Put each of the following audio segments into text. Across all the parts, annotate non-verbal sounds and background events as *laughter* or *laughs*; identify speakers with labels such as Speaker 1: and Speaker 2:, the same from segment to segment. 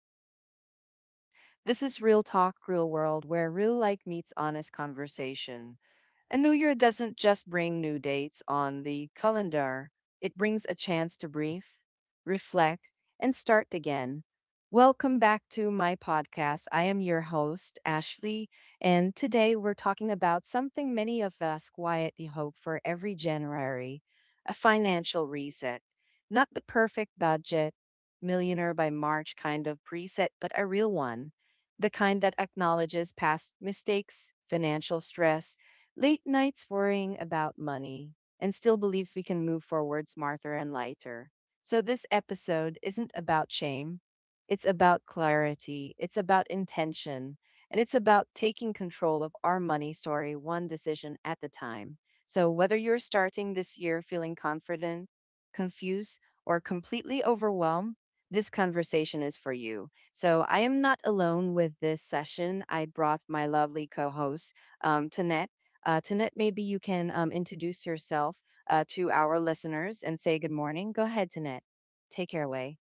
Speaker 1: our listeners. This is Real Talk, Real World, where real life meets honest conversation. And New Year doesn't just bring new dates on the calendar, it brings a chance to breathe, reflect, and start again. Welcome back to my podcast. I am your host, Ashley, and today we're talking about something many of us quietly hope for every January, a financial reset. Not the perfect budget, millionaire by March kind of preset, but a real one. The kind that acknowledges past mistakes, financial stress, late nights worrying about money, and still believes we can move forward smarter and lighter. So this episode isn't about shame. It's about clarity, it's about intention, and it's about taking control of our money story one decision at a time. So whether you're starting this year feeling confident, confused, or completely overwhelmed, this conversation is for you. So I am not alone with this session. I brought my lovely co host, Tanette Tanit, maybe you can introduce yourself to our listeners and say good morning. Go ahead, Tanit. Take care away.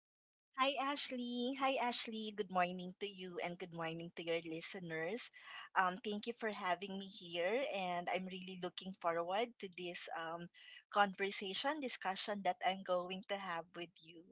Speaker 2: Hi, Ashley. Hi, Ashley. Good morning to you and good morning to your listeners. Thank you for having me here, and I'm really looking forward to this conversation, discussion that I'm going to have with you.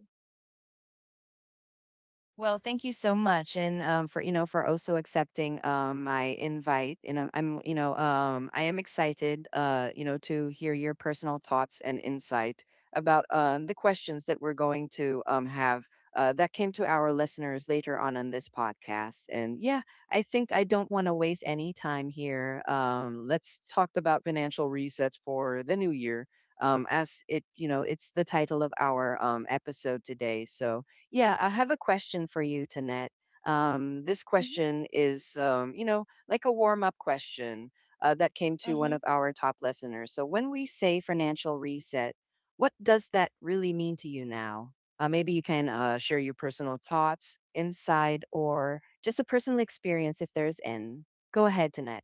Speaker 1: Well, thank you so much, and for for also accepting my invite. And I'm I am excited to hear your personal thoughts and insight about the questions that we're going to have that came to our listeners later on in this podcast. And yeah, I think I don't want to waste any time here. Let's talk about financial resets for the new year. As it it's the title of our episode today. So yeah, I have a question for you, Tanette. This
Speaker 2: Mm-hmm,
Speaker 1: question is, you know, like a warm up question that came to one
Speaker 2: mm-hmm.
Speaker 1: of our top listeners. So, when we say financial reset, what does that really mean to you now? Maybe you can share your personal thoughts, inside, or just a personal experience if there's any. Go ahead, Tanette.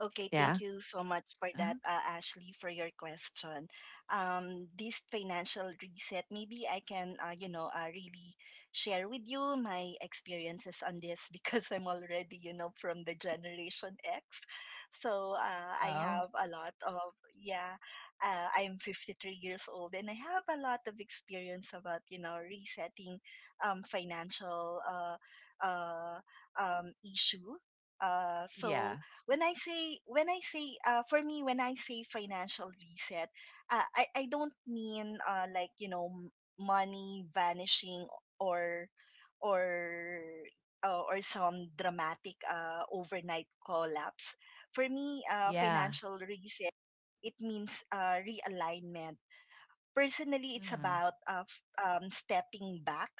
Speaker 2: Okay,
Speaker 1: Yeah.
Speaker 2: thank you so much for that,
Speaker 1: Uh-huh.
Speaker 2: Ashley, for your question. This financial reset, maybe I can, really share with you my experiences on this *laughs* because I'm already, you know, from the Generation X. So uh, I
Speaker 1: Oh,
Speaker 2: have a lot of, yeah, I'm 53 years old and I have a lot of experience about, you know, resetting financial uh, issue. Uh, so,
Speaker 1: yeah,
Speaker 2: when I say for me when I say financial reset, I don't mean like you know money vanishing or or or some dramatic overnight collapse. For me,
Speaker 1: yeah,
Speaker 2: financial reset it means realignment. Personally, it's
Speaker 1: mm,
Speaker 2: about stepping back,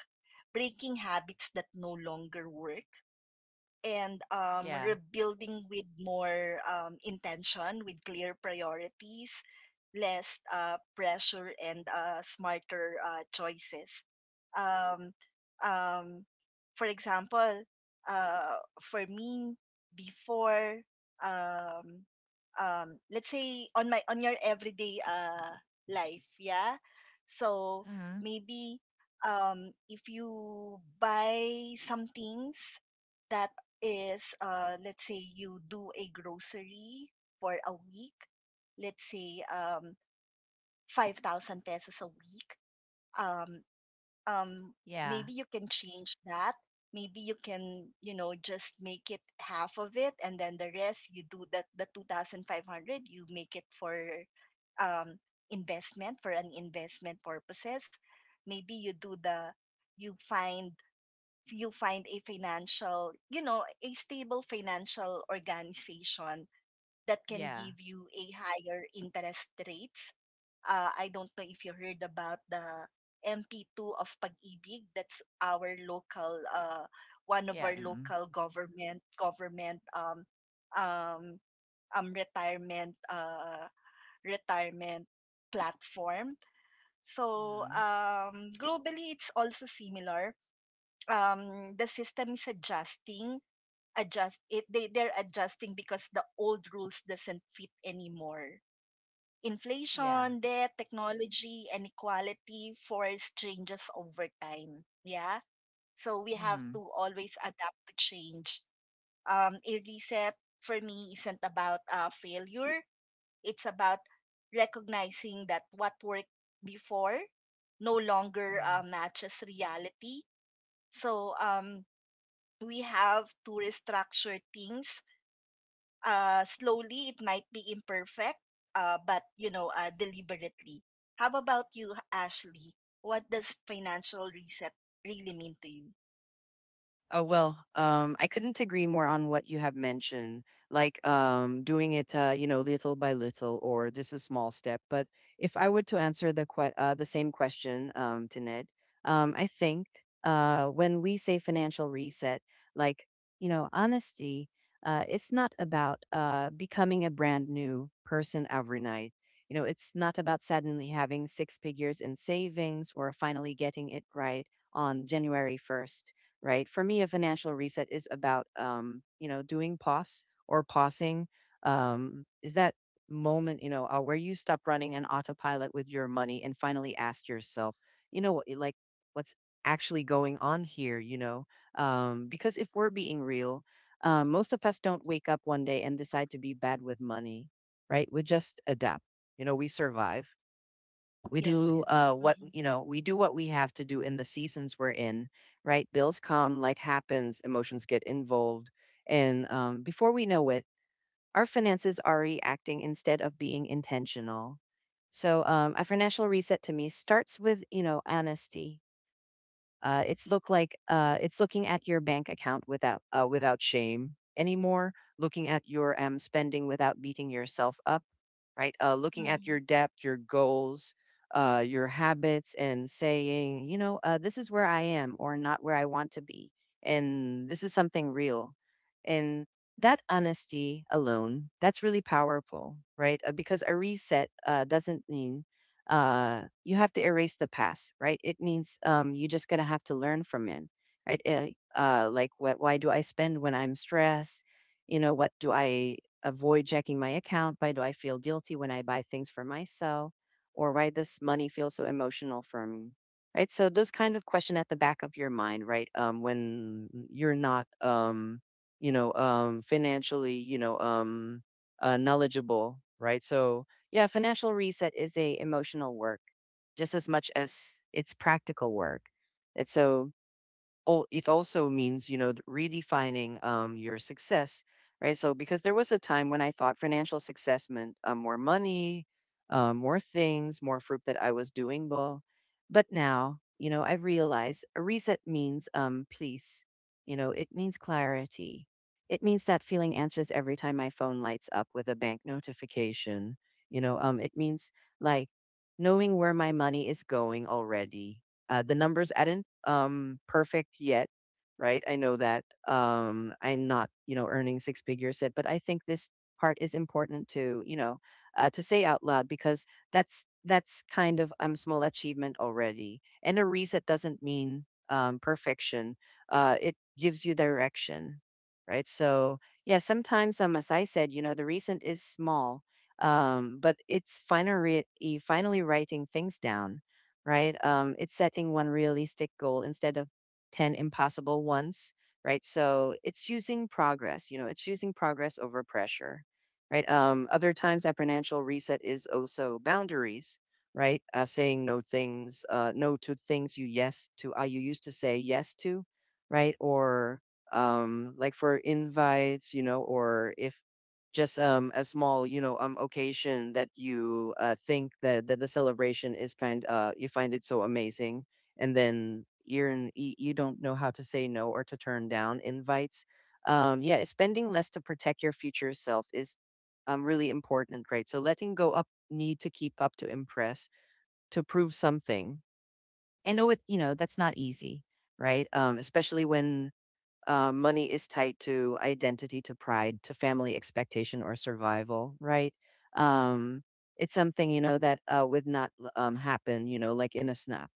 Speaker 2: breaking habits that no longer work and
Speaker 1: yeah,
Speaker 2: rebuilding with more intention, with clear priorities, less pressure, and smarter choices. Um, um, for example, uh, for me, before, um, let's say on my on your everyday life, yeah. So
Speaker 1: mm,
Speaker 2: maybe if you buy some things that is let's say you do a grocery for a week, let's say 5,000 pesos a week. Um, um,
Speaker 1: yeah,
Speaker 2: Maybe you can change that. Maybe you can, you know, just make it half of it, and then the rest you do that the 2,500 you make it for um, investment for an investment purposes. Maybe you do the you find you find a financial, you know, a stable financial organization that can
Speaker 1: yeah,
Speaker 2: give you a higher interest rates. I don't know if you heard about the MP2 of Pag-ibig. That's our local, one of
Speaker 1: yeah,
Speaker 2: our
Speaker 1: mm,
Speaker 2: local government um, retirement retirement platform. So
Speaker 1: mm,
Speaker 2: globally, it's also similar, the system is adjusting, adjust it they they're adjusting because the old rules doesn't fit anymore.
Speaker 1: yeah.
Speaker 2: Inflation, debt, technology, and equality force changes over time, yeah. So we have
Speaker 1: Mm,
Speaker 2: to always adapt to change. A reset for me isn't about failure, it's about recognizing that what worked before no longer
Speaker 1: yeah.
Speaker 2: matches reality. So we have to restructure things slowly. It might be imperfect, but you know, deliberately. How about you, Ashley? What does financial reset really mean to you?
Speaker 1: Oh, well, I couldn't agree more on what you have mentioned, like doing it, you know, little by little, or this is small step. But if I were to answer the the same question to Ned, I think when we say financial reset, like you know, honesty, it's not about becoming a brand new person overnight. You know, it's not about suddenly having six figures in savings or finally getting it right on January 1st, right? For me, a financial reset is about, you know, doing pause or pausing. Is that moment, you know, where you stop running an autopilot with your money and finally ask yourself, you know, like what's actually going on here, you know? Because if we're being real, most of us don't wake up one day and decide to be bad with money, right? We just adapt. You know, we survive. We
Speaker 2: Yes,
Speaker 1: do
Speaker 2: yes.
Speaker 1: what
Speaker 2: Hmm.
Speaker 1: you know. We do what we have to do in the seasons we're in, right? Bills come, life happens, emotions get involved, and before we know it, our finances are reacting instead of being intentional. So, a financial reset to me starts with you know honesty. It's looking at your bank account without without shame anymore, looking at your spending without beating yourself up, right? Looking at
Speaker 2: Hmm.
Speaker 1: your depth, your goals, your habits, and saying, you know, this is where I am or not where I want to be. And this is something real. And that honesty alone, that's really powerful, right? Because a reset doesn't mean you have to erase the past, right? It means you're just going to have to learn from it, right? Like, why do I spend when I'm stressed? You know, what do I avoid checking my account? Why do I feel guilty when I buy things for myself? Or why does money feel so emotional for me? Right. So those kind of questions at the back of your mind, right? When you're not, financially, knowledgeable, right? So yeah, financial reset is a emotional work just as much as it's practical work. And so oh, it also means, you know, redefining your success, right? So, because there was a time when I thought financial success meant more money, more things, more fruit that I was doing well. But now, you know, I realize a reset means peace, you know, it means clarity. It means that feeling anxious every time my phone lights up with a bank notification. You know, it means like knowing where my money is going already, the numbers aren't perfect yet, right? I know that I'm not, you know, earning six figures yet, but I think this part is important to, you know, to say out loud because that's kind of small achievement already. And a reset doesn't mean perfection. It gives you direction, right? So yeah, sometimes as I said, you know, the recent is small, but it's finally writing things down, right? It's setting one realistic goal instead of 10 impossible ones, right? So it's choosing progress, you know, it's choosing progress over pressure, right? Other times, that financial reset is also boundaries, right? Saying no things, no to things you used to say yes to, right? Or like for invites, you know, or if just a small occasion that you think that, that the celebration is find, you find it so amazing, and then you don't know how to say no or to turn down invites. Yeah, spending less to protect your future self is really important, right? So letting go up need to keep up to impress, to prove something, and know it, you know, that's not easy, right? Especially when money is tied to identity, to pride, to family expectation or survival, right? Um, it's something you know that would not happen, you know, like in a snap.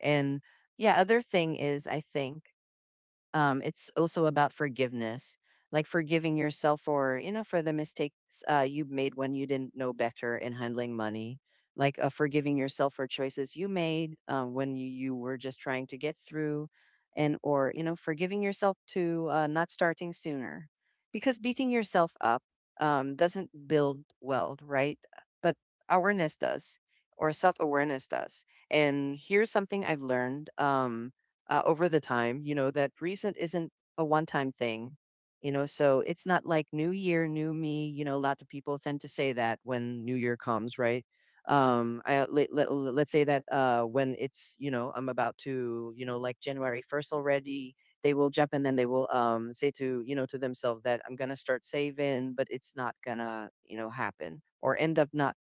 Speaker 1: And yeah, other thing is, I think it's also about forgiveness, like forgiving yourself for you know for the mistakes you made when you didn't know better in handling money, like forgiving yourself for choices you made when you were just trying to get through, and or you know forgiving yourself to not starting sooner, because beating yourself up doesn't build wealth, right? But awareness does, or self-awareness does. And here's something I've learned over the time. You know, that recent isn't a one time thing, you know, so it's not like new year, new me. You know, a lot of people tend to say that when new year comes, right? Let's say that when it's, you know, I'm about to, you know, like January 1st already, they will jump and then they will say to, you know, to themselves that I'm going to start saving, but it's not going to, you know, happen or end up not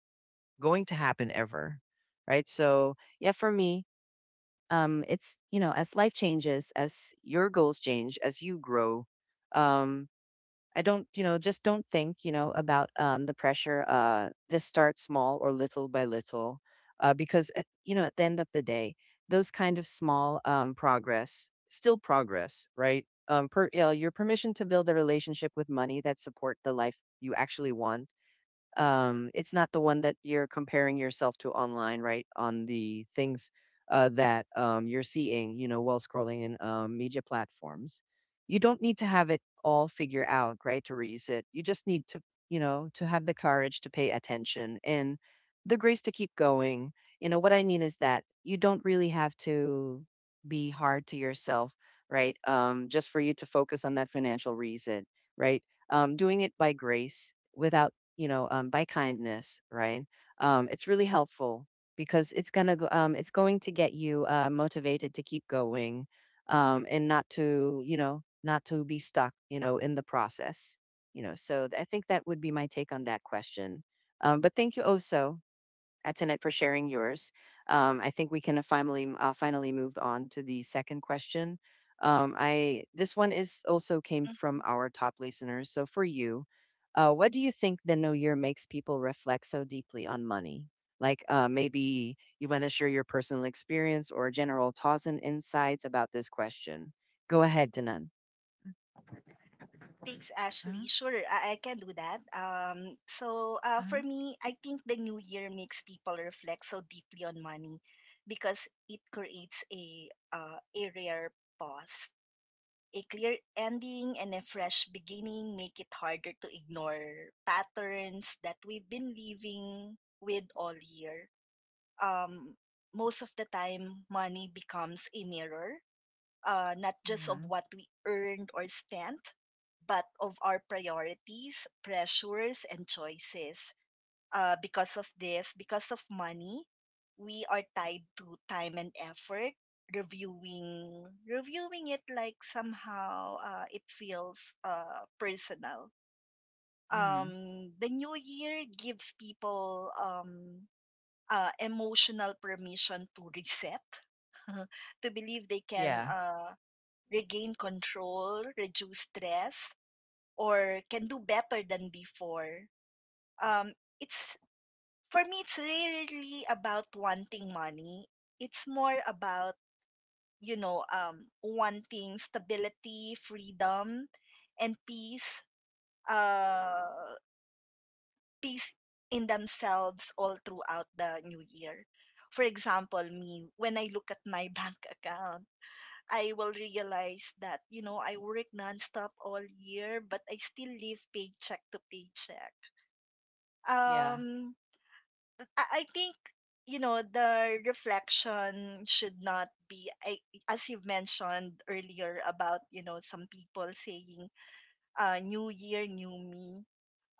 Speaker 1: going to happen ever. Right. So, yeah, for me, it's you know as life changes as your goals change as you grow, um, I don't you know just don't think you know about the pressure, just start small or little by little, because at, you know at the end of the day those kind of small progress still progress, right? Um, per, you know, your permission to build a relationship with money that support the life you actually want, it's not the one that you're comparing yourself to online, right? On the things that you're seeing, you know, while scrolling in media platforms. You don't need to have it all figured out, right? To release it, you just need to, you know, to have the courage to pay attention and the grace to keep going. You know, what I mean is that you don't really have to be hard to yourself, right? Just for you to focus on that financial reason, right? Doing it by grace without you know, by kindness, right? It's really helpful because it's going to get you motivated to keep going, and not to, you know, not to be stuck, you know, in the process, you know. So I think that would be my take on that question. But thank you also Antoinette, for sharing yours. I think we can finally move on to the second question. I This one is also came from our top listeners. So for you, what do you think the new year makes people reflect so deeply on money? Like maybe you want to share your personal experience or general thoughts and insights about this question. Go ahead, Danan.
Speaker 2: Thanks,
Speaker 1: Mm-hmm,
Speaker 2: Ashley. Sure, I can do that.
Speaker 1: mm-hmm,
Speaker 2: For me, I think the new year makes people reflect so deeply on money because it creates a rare pause. A clear ending and a fresh beginning make it harder to ignore patterns that we've been living with all year. Um, Most of the time, money becomes a mirror, not just of
Speaker 1: mm-hmm.
Speaker 2: what we earned or spent, but of our priorities, pressures, and choices, because of this, because of money, we are tied to time and effort. Reviewing it like somehow it feels personal.
Speaker 1: Mm,
Speaker 2: The new year gives people emotional permission to reset, *laughs* to believe they can
Speaker 1: yeah.
Speaker 2: regain control, reduce stress, or can do better than before.
Speaker 1: Mm,
Speaker 2: Um, it's For me, it's really about wanting money. It's more about you know wanting stability, freedom, and uh peace in themselves all throughout the new year. For example, me, when I look at my *laughs* bank account, I will realize that you know I work nonstop all year but I still live paycheck to paycheck.
Speaker 1: yeah.
Speaker 2: Um I, I think you know the reflection should not be I, as you've mentioned earlier about you know some people saying new year new me.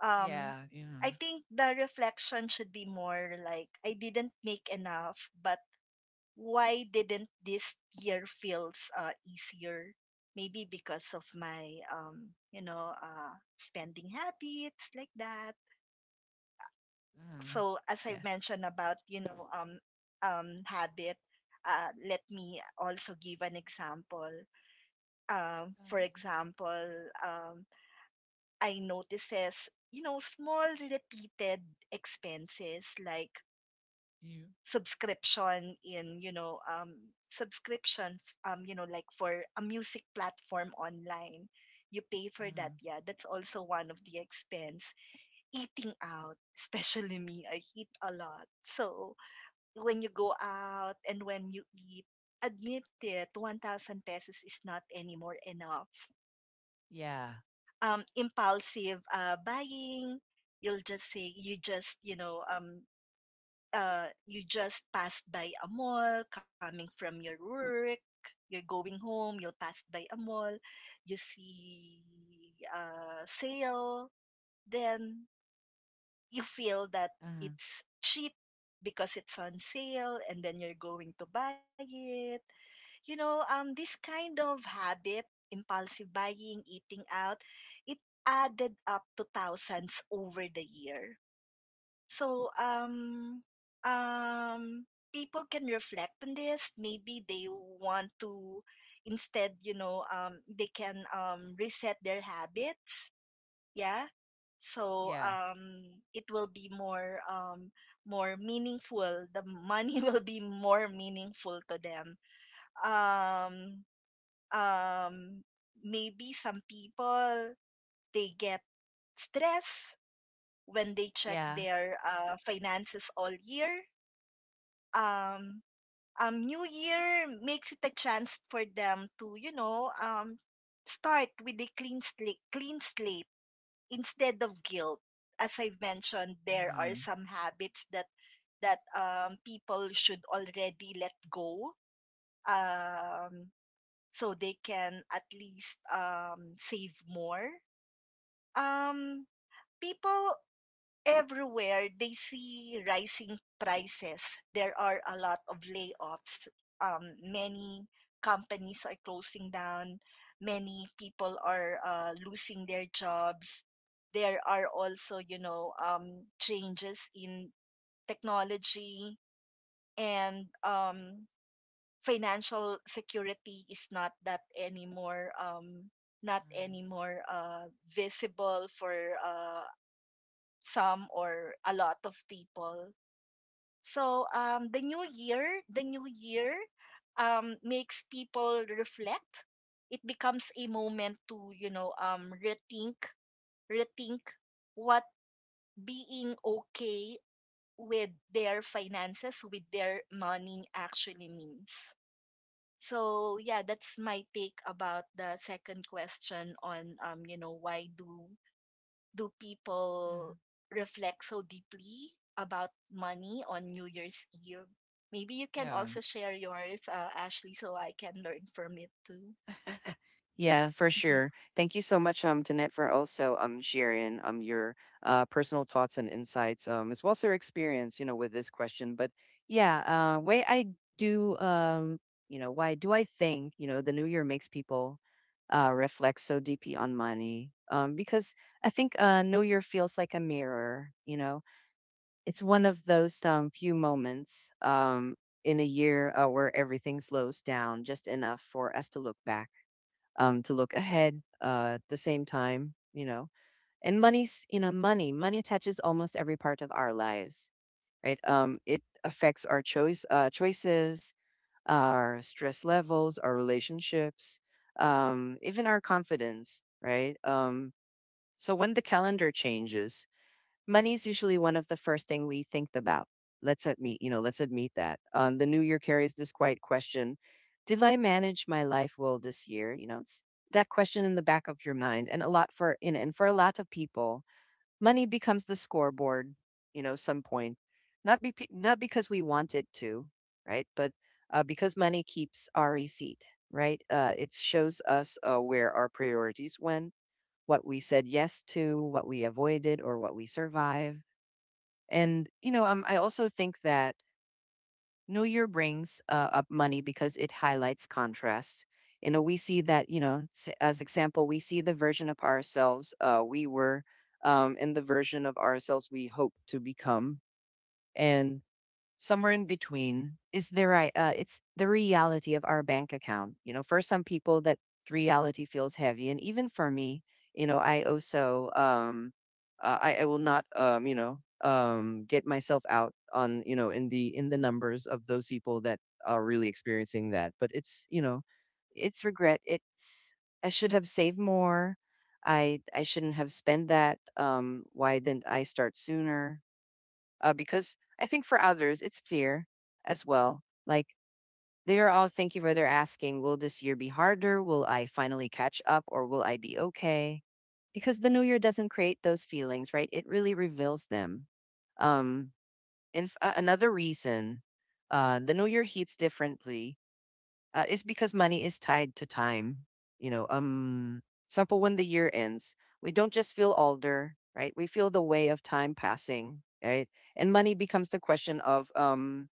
Speaker 2: um
Speaker 1: Yeah. Mm-hmm,
Speaker 2: I think the reflection should be more like I didn't make enough, but why didn't this year feels easier, maybe because of my spending habits like that.
Speaker 1: mm-hmm.
Speaker 2: So as I
Speaker 1: Yes.
Speaker 2: mentioned about habit, let me also give an example. Um for example um I notices you know small repeated expenses like
Speaker 1: Yeah.
Speaker 2: subscription in you know um subscription, you know, like for a music platform online, you pay for that,
Speaker 1: uh
Speaker 2: yeah, that's also one of the expense. Eating out *laughs* especially me, I eat a lot, so when you go out and when you eat, admit it, 1,000 pesos is not anymore enough.
Speaker 1: Yeah.
Speaker 2: Impulsive buying, you'll just say, you just, you know, you just passed by a mall coming from your work, you're going home, you'll pass by a mall, you see a sale, then you feel that
Speaker 1: uh
Speaker 2: it's cheap because it's on sale and then you're going to buy it. You know, this kind of habit, impulsive buying, eating out, it added up to thousands over the year. So, um, people can reflect on this. Maybe they want to, instead, you know, they can reset their habits, yeah. So
Speaker 1: Yeah.
Speaker 2: it will be more meaningful, the money *laughs* will be more meaningful to them. um um Maybe some people they get stress when they check
Speaker 1: Yeah.
Speaker 2: their finances all year. um New year makes it a chance for them to you know start with a clean slate, clean slate instead of guilt. As I've mentioned, there are
Speaker 1: Mm-hmm.
Speaker 2: some habits that people should already let go, um, so they can at least save more. um, People everywhere, they see rising prices. There are a lot of layoffs. Many companies are closing down. Many people are losing their jobs. There are also, you know, changes in technology and financial security is not that anymore. Not anymore visible for uh, some or a lot of people. So the new year makes people reflect. It becomes a moment to you know rethink, rethink what being okay with their finances, with their money actually means. So yeah, that's my take about the second question on you know why do people
Speaker 1: Mm,
Speaker 2: reflect so deeply about money on New Year's Eve? Maybe you can
Speaker 1: yeah.
Speaker 2: also share yours, Ashley, so I can learn from it too.
Speaker 1: *laughs* Yeah, for
Speaker 2: Mhm.
Speaker 1: sure. Thank you so much, Danette, for also sharing your personal thoughts and insights, as well as your experience, you know, with this question. But yeah, way I do, you know, why do I think, you know, the new year makes people reflect so deeply on money? Because I think New Year feels like a mirror, you know. It's one of those few moments in a year where everything slows down just enough for us to look back, to look ahead at the same time, you know. And money's, you know, money attaches almost every part of our lives, right? It affects our choices, our stress levels, our relationships, even our confidence, right? So when the calendar changes, money's usually one of the first thing we think about. Let's admit that. The new year carries this quiet question: Did I manage my life well this year? You know, it's that question in the back of your mind, and a lot for in and for a lot of people, money becomes the scoreboard. You know, some point, not because we want it to, right? But because money keeps our receipt, right? It shows us where our priorities went, what we said yes to, what we avoided, or what we survived. And you know, I also think that New Year brings up money because it highlights contrast. You know, we see that, you know, as example, we see the version of ourselves we were, and the version of ourselves we hope to become. And somewhere in between is the right it's the reality of our bank account. You know, for some people that reality feels heavy, and even for me, you know, I will not, get myself out on, you know, in the numbers of those people that are really experiencing that. But it's, you know, it's regret, it's I should have saved more. I shouldn't have spent that. Why didn't I start sooner? Because I think for others it's fear as well. Like they are all thinking where they're asking, will this year be harder? Will I finally catch up, or will I be okay? Because the new year doesn't create those feelings, right? It really reveals them. Um, and another reason, the new year heats differently is because money is tied to time. You know, example, when the year ends, we don't just feel older, right? We feel the way of time passing, right? And money becomes the question of um,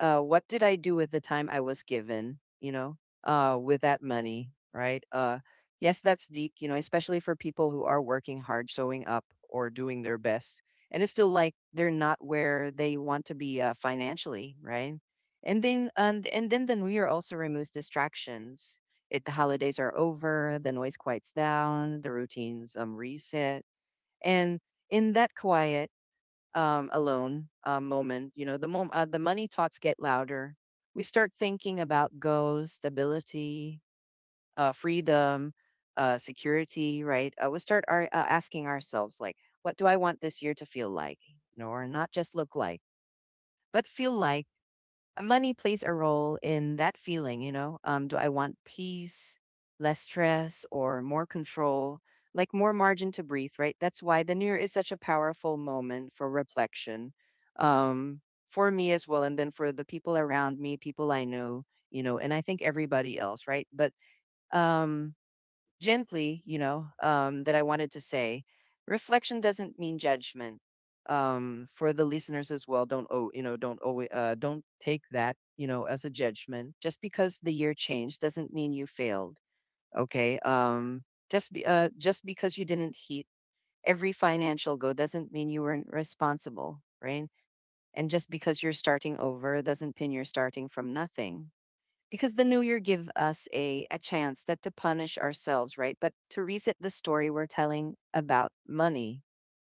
Speaker 1: uh, what did I do with the time I was given, you know, with that money, right? Yes, that's deep, you know, especially for people who are working hard, showing up, or doing their best. And it's still like they're not where they want to be, financially, right? And then the new year also removes distractions. The holidays are over, the noise quiets down, the routines reset. And in that quiet, alone moment, you know, the money thoughts get louder. We start thinking about goals, stability, freedom, security, right? We start asking ourselves, like, what do I want this year to feel like? No, or not just look like, but feel like. Money plays a role in that feeling, you know? Do I want peace, less stress, or more control? Like more margin to breathe, right? That's why the new year is such a powerful moment for reflection. Um, for me as well, and then for the people around me, people I know, you know, and I think everybody else, right? But um gently, you know, that I wanted to say, reflection doesn't mean judgment. For the listeners as well, don't take that, you know, as a judgment. Just because the year changed doesn't mean you failed. Okay. Just because you didn't hit every financial goal doesn't mean you weren't responsible, right? And just because you're starting over doesn't mean you're starting from nothing, because the new year give us a chance that to punish ourselves, right, but to reset the story we're telling about money.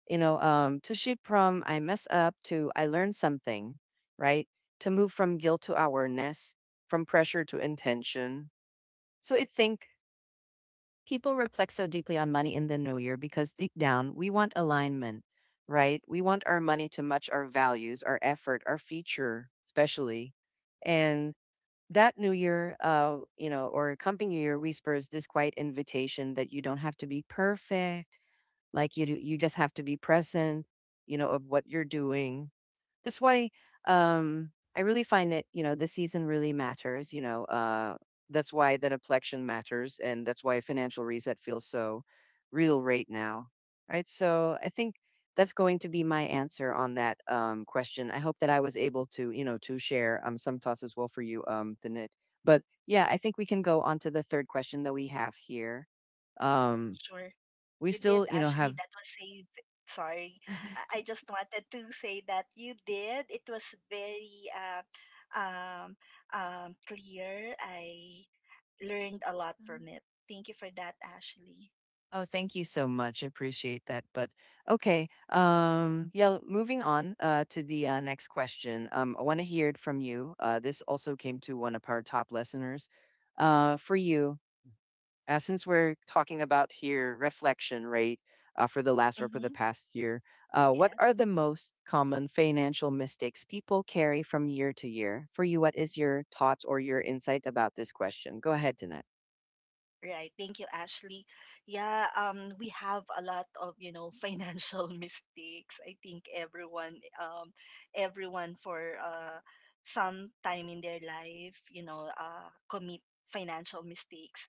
Speaker 1: You know, to shift from I mess up to I learned something, right, to move from guilt to awareness, from pressure to intention. So I think people reflect so deeply on money in the new year because deep down we want alignment, right. We want our money to match our values, our effort, our future especially. And that new year, you know, or coming new year whispers this quiet invitation that you don't have to be perfect. Like you do, you just have to be present, you know, of what you're doing. That's why, I really find that, you know, the season really matters, you know. That's why the deflection matters. And that's why financial reset feels so real right now. Right. So I think that's going to be my answer on that question. I hope that I was able to, you know, to share some thoughts as well for you, Tanit. But yeah, I think we can go on to the third question that we have here. Um,
Speaker 2: Sure.
Speaker 1: we
Speaker 2: You did,
Speaker 1: still, you know,
Speaker 2: Ashley.
Speaker 1: have.
Speaker 2: That was a sorry. I just wanted to say that you did. It was very um, clear. I learned a lot from it. Thank you for that, Ashley.
Speaker 1: Oh, thank you so much. I appreciate that. But okay, yeah, moving on to the next question. I want to hear it from you. This also came to one of our top listeners. For you, since we're talking about here reflection rate for the
Speaker 2: Mm-hmm.
Speaker 1: past year, what
Speaker 2: Yes.
Speaker 1: are the most common financial mistakes people carry from year to year? For you, what is your thoughts or your insight about this question? Go ahead, Danette.
Speaker 2: Right. Thank you, Ashley. Yeah, we have a lot of, you know, financial *laughs* mistakes. I think everyone, um, everyone for some time in their life, you know, commit financial mistakes.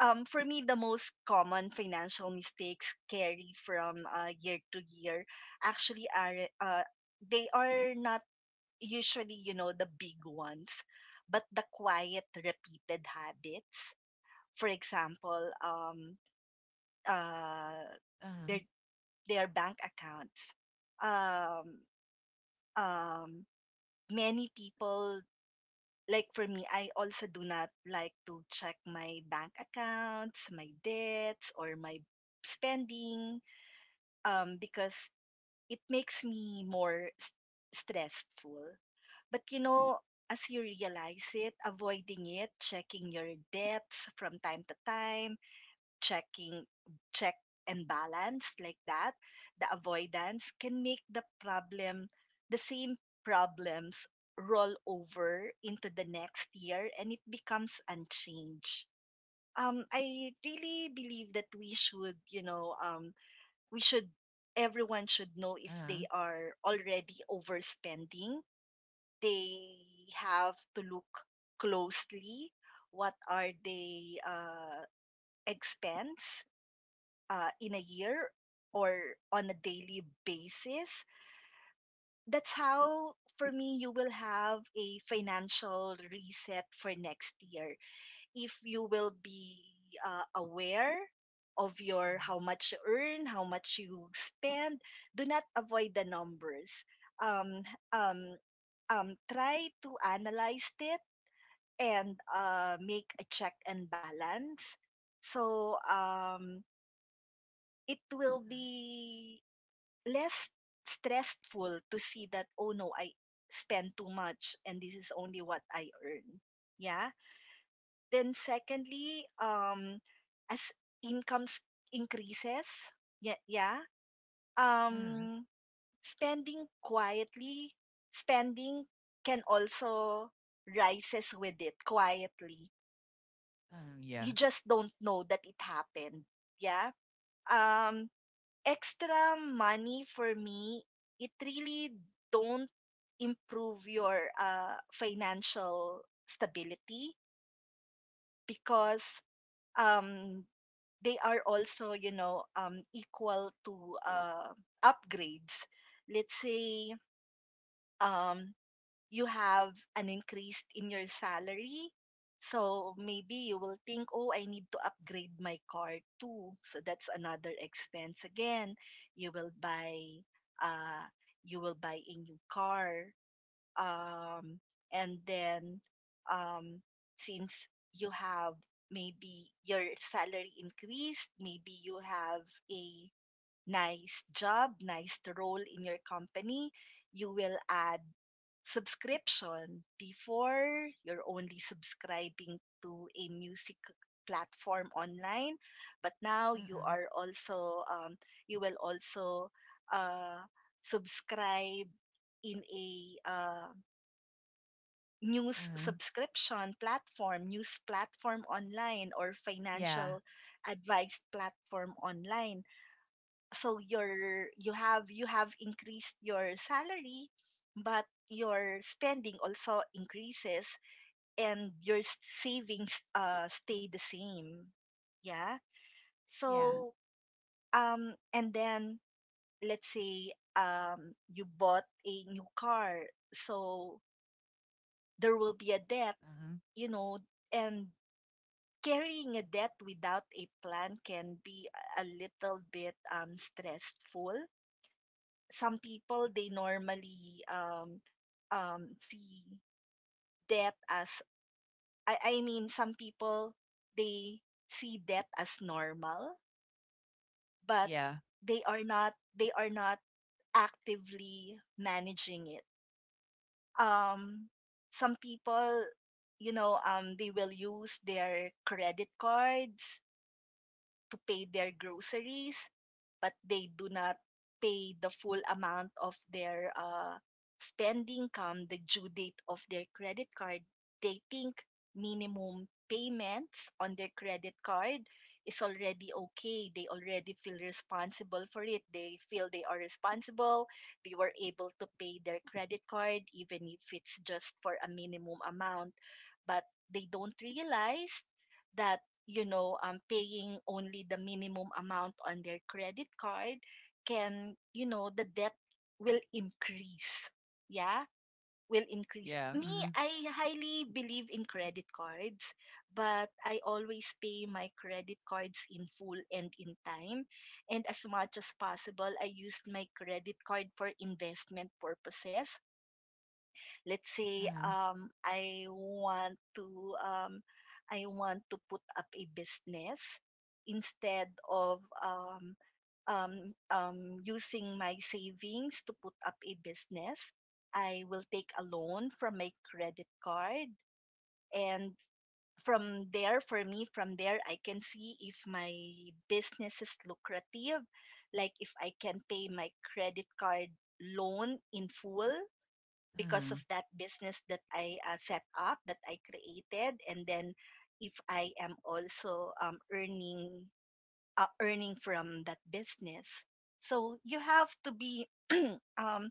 Speaker 2: For me, the most common financial mistakes carry from year to year actually are, uh, they are not usually, you know, the big ones, but the quiet, repeated habits, for example, uh, their
Speaker 1: Uh,
Speaker 2: bank accounts. Um, um, Many people, like for me, I also do not like to check my bank accounts, my debts, or my spending, because it makes me more stressful. But you know, as you realize it, avoiding it, checking your debts from time to time, checking check and balance like that, the avoidance can make the problem the same problems roll over into the next year and it becomes unchanged. I really believe that we should you know we should everyone should know
Speaker 1: uh,
Speaker 2: if
Speaker 1: uh,
Speaker 2: they are already overspending, they have to look closely what are they expense in a year or on a daily basis. That's how, for me, you will have a financial reset for next year. If you will be aware of your how much you earn, how much you spend, do not avoid the numbers. Um, um, Try to analyze it and make a check and balance. So it will be less stressful to see that oh no I spend too much and this is only what I earn, yeah. Then secondly, as incomes increases, yeah, yeah,
Speaker 1: uh,
Speaker 2: um spending quietly spending can also rises with it quietly,
Speaker 1: uh, yeah.
Speaker 2: you just don't know that it happened, yeah. um Extra money for me it really don't improve your financial stability because um they are also you know equal to upgrades. Let's say um you have an increase in your salary. So maybe you will think, oh, I need to upgrade my car too. So that's another expense again. You will buy uh a new car. Um and then um since you have, maybe your salary increased, maybe you have a nice job, nice role in your company, you will add subscription. Before you're only subscribing to a music platform online, but now you
Speaker 1: Mhm,
Speaker 2: are also you will also uh, subscribe in a
Speaker 1: mhm.
Speaker 2: news platform online or
Speaker 1: Yeah,
Speaker 2: financial advice platform online. So you have increased your salary, but your spending also increases, and your savings stay the same. Yeah.
Speaker 1: yeah.
Speaker 2: So um and then let's say you bought a new car, so there will be a debt,
Speaker 1: Mhm.
Speaker 2: you know and carrying a debt without a plan can be a little bit stressful. Some people, they normally see death as— I mean some people, they see death as normal, but
Speaker 1: Yeah,
Speaker 2: they are not actively managing it. um some people, they will use their credit cards to pay their groceries, but they do not pay the full amount of their spending. Come the due date of their credit card, they think minimum payments on their credit card is already okay. They already feel responsible for it. They feel they are responsible. They were able to pay their credit card, even if it's just for a minimum amount. But they don't realize that, paying only the minimum amount on their credit card can— the debt will increase. Yeah, will increase.
Speaker 1: yeah.
Speaker 2: Me,
Speaker 1: Mhm,
Speaker 2: I highly believe in credit cards, but I always pay my credit cards in full and in time. And as much as possible, I used my credit card for investment purposes. Let's say
Speaker 1: mhm,
Speaker 2: I want to— um, I want to put up a business instead of using my savings to put up a business. I will take a loan from my credit card, and from there I can see if my business is lucrative, like if I can pay my credit card loan in full because of that business that I set up, that I created, and then if I am also earning— earning from that business. So um,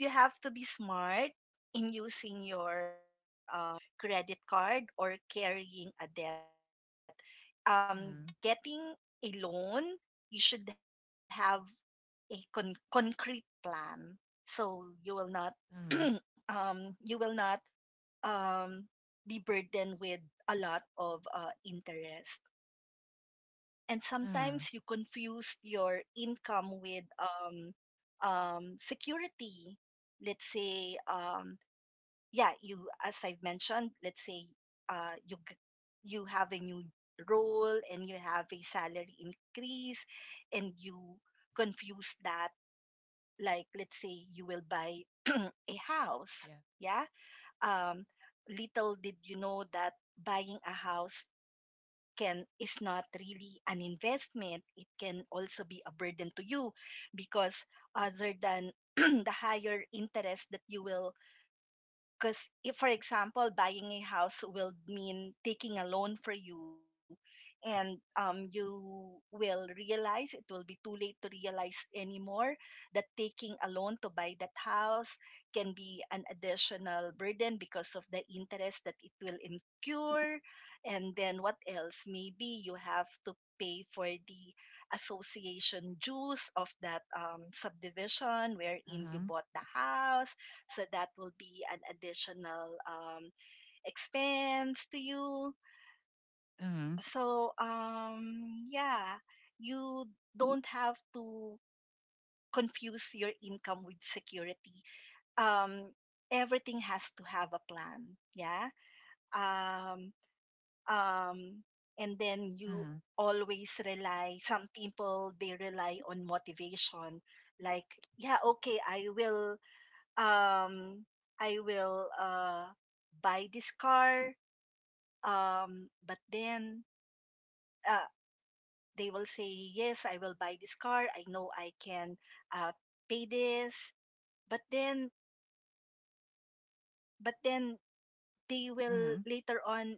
Speaker 2: you have to be smart in using your credit card or carrying a debt. Getting
Speaker 1: mhm,
Speaker 2: a loan, you should have a concrete plan, so you will not *clears throat*
Speaker 1: mhm,
Speaker 2: you will not um, be burdened with a lot of interest. And
Speaker 1: mhm, mhm.
Speaker 2: sometimes you confuse your income with security. Let's say, yeah, you, as I've mentioned, let's say uh, you g- you have a new role and you have a salary increase, and you confuse that. Like, let's say you will buy *clears throat* a house.
Speaker 1: Yeah.
Speaker 2: Yeah. Um, Little did you know that buying a house can is not really an investment. It can also be a burden to you because other than *clears throat* the higher interest that you will— because if, for example, buying a house will mean taking a loan for you, and you will realize— it will be too late to realize anymore that taking a loan to buy that house can be an additional burden because of the interest that it will incur. And then what else? Maybe you have to pay for the association dues of that subdivision wherein you
Speaker 1: Mhm,
Speaker 2: bought the house, so that will be an additional expense to you. So
Speaker 1: mhm,
Speaker 2: yeah, you don't have to confuse your income with security. Um, Everything has to have a plan. Yeah. Um, um, and then you
Speaker 1: mhm,
Speaker 2: always rely— some people, they rely on motivation. Like, yeah, okay, I will— um I will buy this car— but then uh they will say, yes, I will buy this car, I know I can uh pay this. But then— but then they will
Speaker 1: mhm.
Speaker 2: later on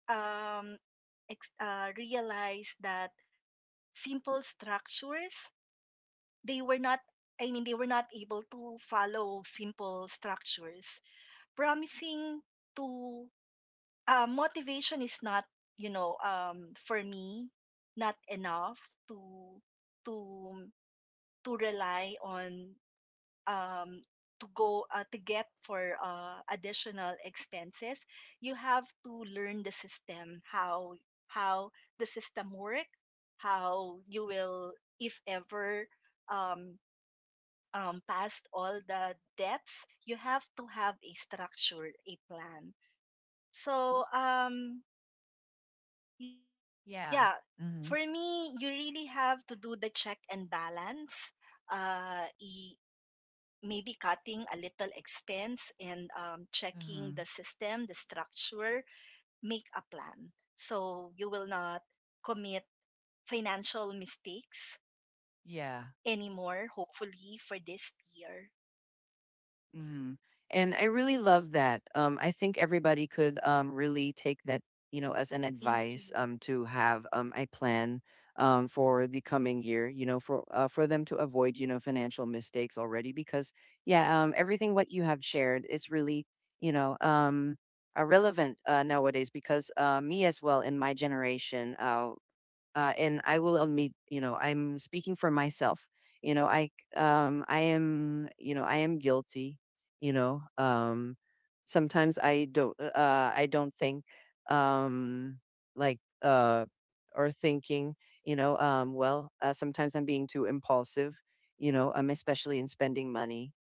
Speaker 2: realize that simple structures— they were not— I mean, they were not able to follow simple structures, promising to— motivation is not, for me, not enough to to to rely on, um to go to get for additional expenses. You have to learn the system, how the system work, how you will— if ever um past all the debts, you have to have a structure, a plan. So yeah, for
Speaker 1: Yeah.
Speaker 2: me, you
Speaker 1: Mhm,
Speaker 2: really have to do the check and balance. uh y- Maybe cutting a little expense and checking the
Speaker 1: mhm.
Speaker 2: system, the structure, make a plan so you will not commit financial mistakes
Speaker 1: Yeah.
Speaker 2: anymore, hopefully for this year.
Speaker 1: Mm. And I really love that. I think everybody could really take that, you know, as an advice
Speaker 2: Thank
Speaker 1: to
Speaker 2: you.
Speaker 1: have a plan for the coming year. You know, for them to avoid, you know, financial mistakes already. Because yeah, everything what you have shared is really, you know, relevant nowadays. Because me as well in my generation, and I will admit, you know, I'm speaking for myself. You know, I am, you know, I am guilty, you know. Sometimes I don't think um like or thinking, you know, well, sometimes I'm being too impulsive, you know, especially in spending money,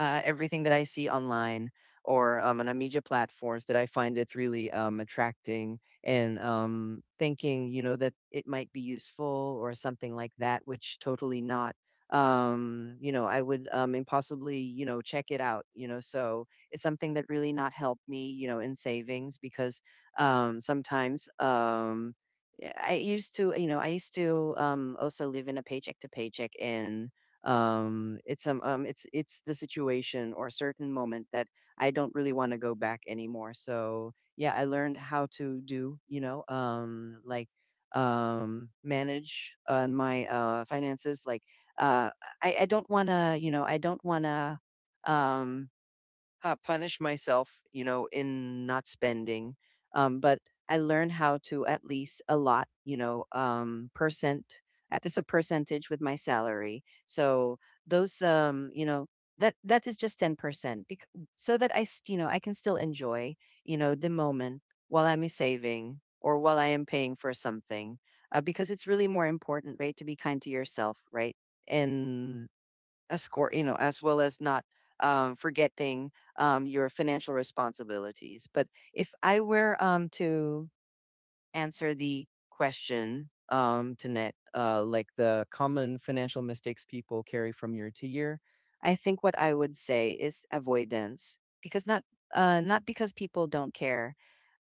Speaker 1: everything that I see online or on media platforms that I find it really attracting and thinking, you know, that it might be useful or something like that, which totally not. You know, I would impossibly, you know, check it out, you know, so it's something that really not helped me, you know, in savings because sometimes, yeah, I used to also live in a paycheck to paycheck. And it's the situation or a certain moment that I don't really want to go back anymore. So yeah, I learned how to do, you know, like manage on my finances. Like uh I don't want to, you know, I don't want to um punish myself, you know, in not spending. But I learned how to at least allot, you know, percent at least a percentage with my salary. So those, um, you know, that is just 10%, so that you know, I can still enjoy, you know, the moment while I'm saving or while I am paying for something, because it's really more important, right, to be kind to yourself, right, and escort, you know, as well as not forgetting your financial responsibilities. But if I were to answer the question, Tanet, like the common financial mistakes people carry from year to year, I think what I would say is avoidance, because not because people don't care,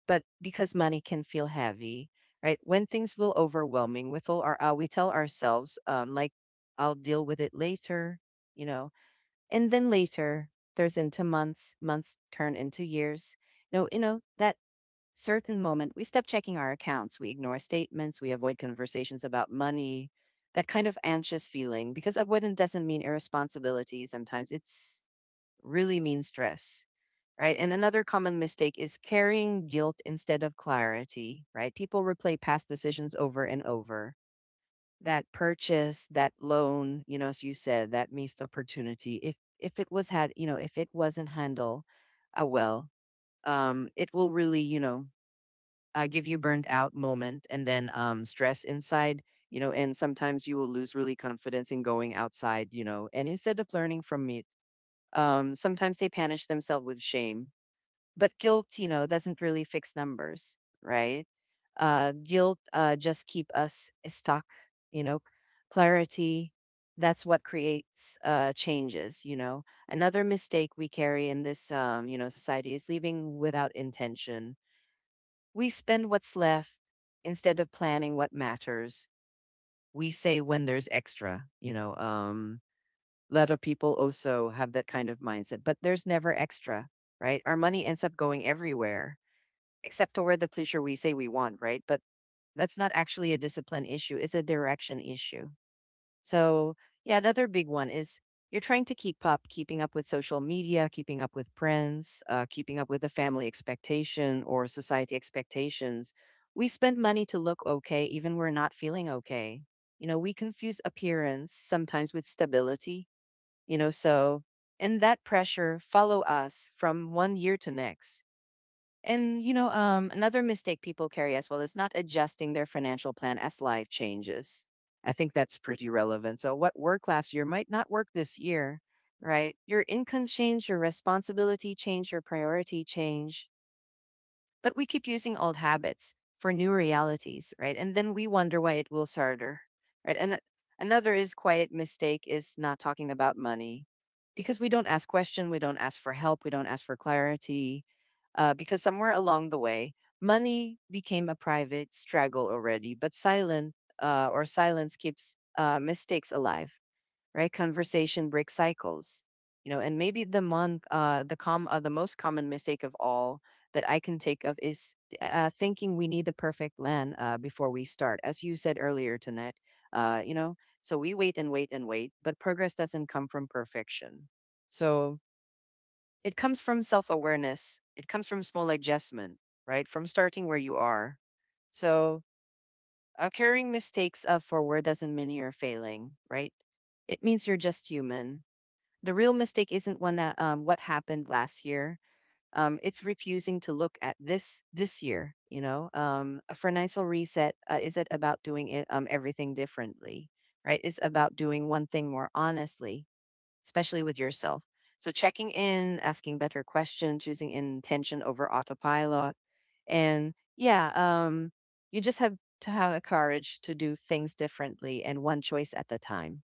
Speaker 1: but because money can feel heavy, right? When things feel overwhelming, we tell ourselves like, "I'll deal with it later," you know and then later, there's into months, months turn into years. No, you know, that certain moment, we stop checking our accounts, we ignore statements, we avoid conversations about money, that kind of anxious feeling, because avoidance doesn't mean irresponsibility. Sometimes it's really means stress, right? And another common mistake is carrying guilt instead of clarity, right? People replay past decisions over and over. That purchase, that loan, you know, as you said, that missed opportunity. If it was had, you know, if it wasn't handled well, it will really, you know, give you burnt out moment and then stress inside, you know, and sometimes you will lose really confidence in going outside, you know, and instead of learning from it, sometimes they punish themselves with shame but guilt, you know, doesn't really fix numbers, right? Guilt just keep us stuck, you know. Clarity, that's what creates changes, you know. Another mistake we carry in this, you know, society is leaving without intention. We spend what's left instead of planning what matters. We say when there's extra, you know. A lot of people also have that kind of mindset, but there's never extra, right? Our money ends up going everywhere except toward the pleasure we say we want, right? But that's not actually a discipline issue, it's a direction issue. So, yeah, another big one is you're trying to keep up, keeping up with social media, keeping up with friends, keeping up with the family expectation or society expectations. We spend money to look okay, even we're not feeling okay. You know, we confuse appearance sometimes with stability, you know, so and that pressure, follow us from one year to next. And you know, another mistake people carry as well is not adjusting their financial plan as life changes. I think that's pretty relevant. So, what worked last year might not work this year, right? Your income change, your responsibility change, your priority change. But we keep using old habits for new realities, right? And then we wonder why it feels harder, right? Another is quiet mistake is not talking about money because we don't ask question, we don't ask for help, we don't ask for clarity because somewhere along the way, money became a private struggle already, but silent or silence keeps mistakes alive, right? Conversation breaks cycles, you know, and maybe the most common mistake of all that I can take of is thinking we need the perfect land before we start, as you said earlier, Tonette. You know, so we wait and wait and wait, but progress doesn't come from perfection. So it comes from self awareness, it comes from small adjustment, right? From starting where you are. So, carrying mistakes up forward doesn't mean you're failing, right? It means you're just human. The real mistake isn't one that what happened last year. It's refusing to look at this this year. You know, a financial reset is it about doing it, everything differently, right? It's about doing one thing more honestly especially with yourself. So checking in, asking better questions, choosing intention over autopilot. And yeah, um, you just have to have the courage to do things differently and one choice at a time.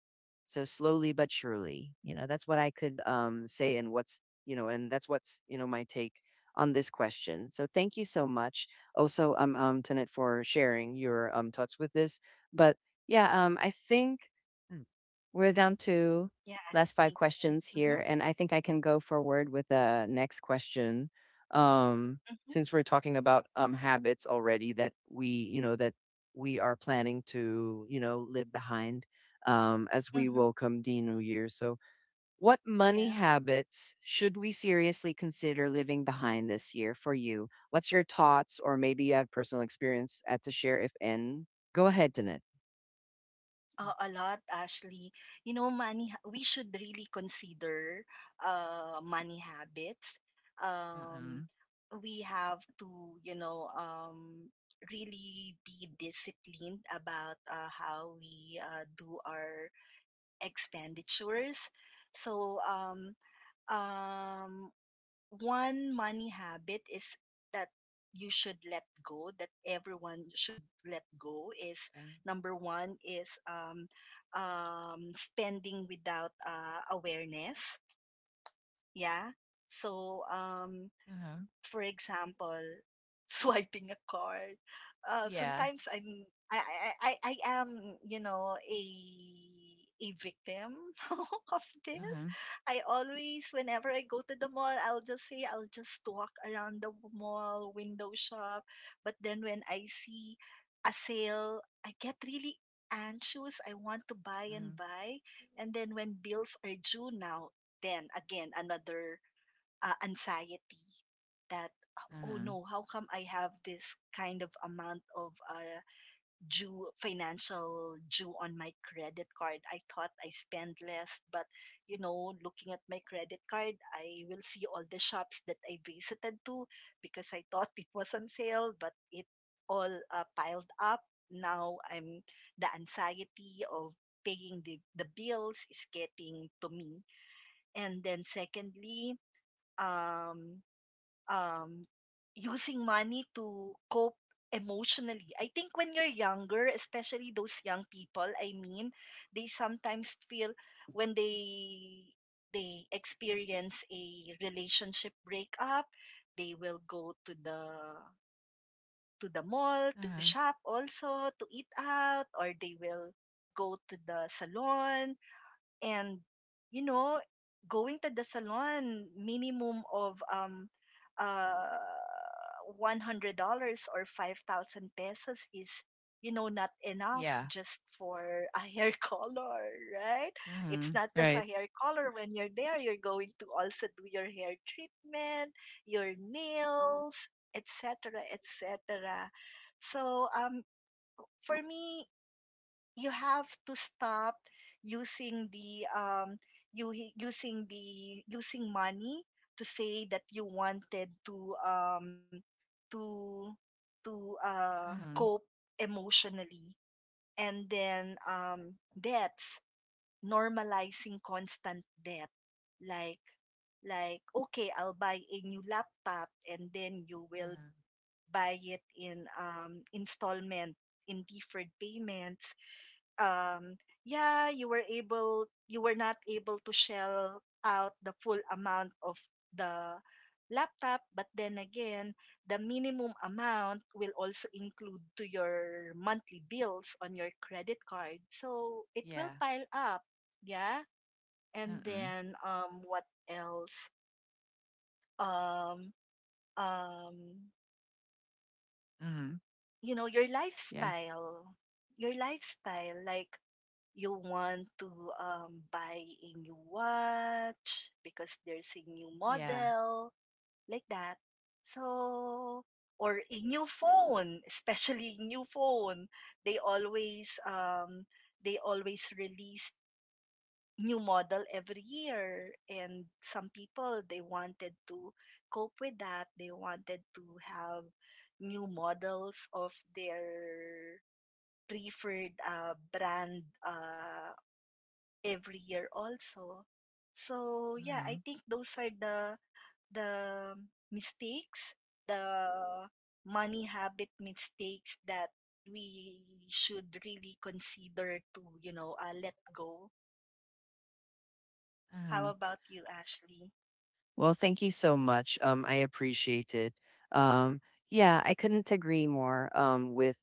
Speaker 1: So slowly but surely, you know, that's what I could say and what's, you know, and that's what's, you know, my take on this question. So thank you so much. Also, Tanit, for sharing your thoughts with this. But yeah, I think we're down to
Speaker 2: Yeah, Ashley,
Speaker 1: last 5
Speaker 2: thank
Speaker 1: questions
Speaker 2: you. Mm-hmm.
Speaker 1: here, and I think I can go forward with the next question. Um,
Speaker 2: Mm-hmm.
Speaker 1: since we're talking about habits already that we, you know, that we are planning to, you know, live behind as we
Speaker 2: Mm-hmm.
Speaker 1: welcome the new year. So what money
Speaker 2: Yeah.
Speaker 1: habits should we seriously consider living behind this year for you? What's your thoughts, or maybe you have personal experience at to share if any? Go ahead, Danette.
Speaker 2: A lot, Ashley. You know, money, we should really consider money habits. Um,
Speaker 1: Mm-mm.
Speaker 2: we have to, you know, really be disciplined about how we do our expenditures. So, um, one money habit— is that you should let go, that everyone should let go, is— number one is spending without awareness. Yeah. So for example, *laughs* swiping a card. Sometimes I'm I am, you know, a victim *laughs* of this.
Speaker 1: Mhm,
Speaker 2: I always, whenever I go to the mall, I'll just say, I'll just walk around the mall, window shop. But then when I see a sale, I get really anxious. I want to buy and
Speaker 1: mhm,
Speaker 2: buy. And then when bills are due now, then again, another anxiety that, oh
Speaker 1: mhm,
Speaker 2: no, how come I have this kind of amount of due, financial due on my credit card? I thought I spend less, but, you know, looking at my credit card, I will see all the shops that I visited to because I thought it was on sale, but it all piled up. Now I'm— the anxiety of paying the bills is getting to me. And then, secondly, um um, using money to cope emotionally. I think when you're younger, especially those young people, I mean, they sometimes feel— when they experience a relationship breakup, they will go to the mall, to
Speaker 1: mhm.
Speaker 2: shop also, to eat out, or they will go to the salon. And, you know, going to the salon minimum of uh $100 or 5,000 pesos is, you know, not enough
Speaker 1: Yeah.
Speaker 2: just for a hair *laughs* color, right? It's
Speaker 1: Mhm.
Speaker 2: not just a
Speaker 1: Right.
Speaker 2: hair color. When you're there, you're going to also do your hair treatment, your nails, etc., etc. So for me, you have to stop using the you using the using money to say that you wanted to to to
Speaker 1: Mhm,
Speaker 2: cope emotionally. And then, debts— normalizing constant debt. Like, okay, I'll buy a new laptop, and then you will
Speaker 1: mhm.
Speaker 2: buy it in installment, in deferred payments. um, yeah, you were not able to shell out the full amount of the laptop, but then again, the minimum amount will also include to your monthly bills on your credit card. So it will
Speaker 1: Yeah.
Speaker 2: pile up. Yeah. And
Speaker 1: Mhm,
Speaker 2: then what else? Um, um,
Speaker 1: mhm.
Speaker 2: you know, your
Speaker 1: Yeah.
Speaker 2: lifestyle. Your lifestyle, like, you want to buy a new watch because there's a new
Speaker 1: Yeah.
Speaker 2: model, like that. So, or a new phone, especially new phone. They always um, they always release new model every year, and some people, they wanted to cope with that, they wanted to have new models of their preferred brand every year also. So yeah, I
Speaker 1: Mhm,
Speaker 2: think those are the mistakes, the money habit mistakes that we should really consider to, you know, let go. How
Speaker 1: mhm.
Speaker 2: about you, Ashley?
Speaker 1: Well, thank you so much. I appreciate it. Um, yeah, I couldn't agree more with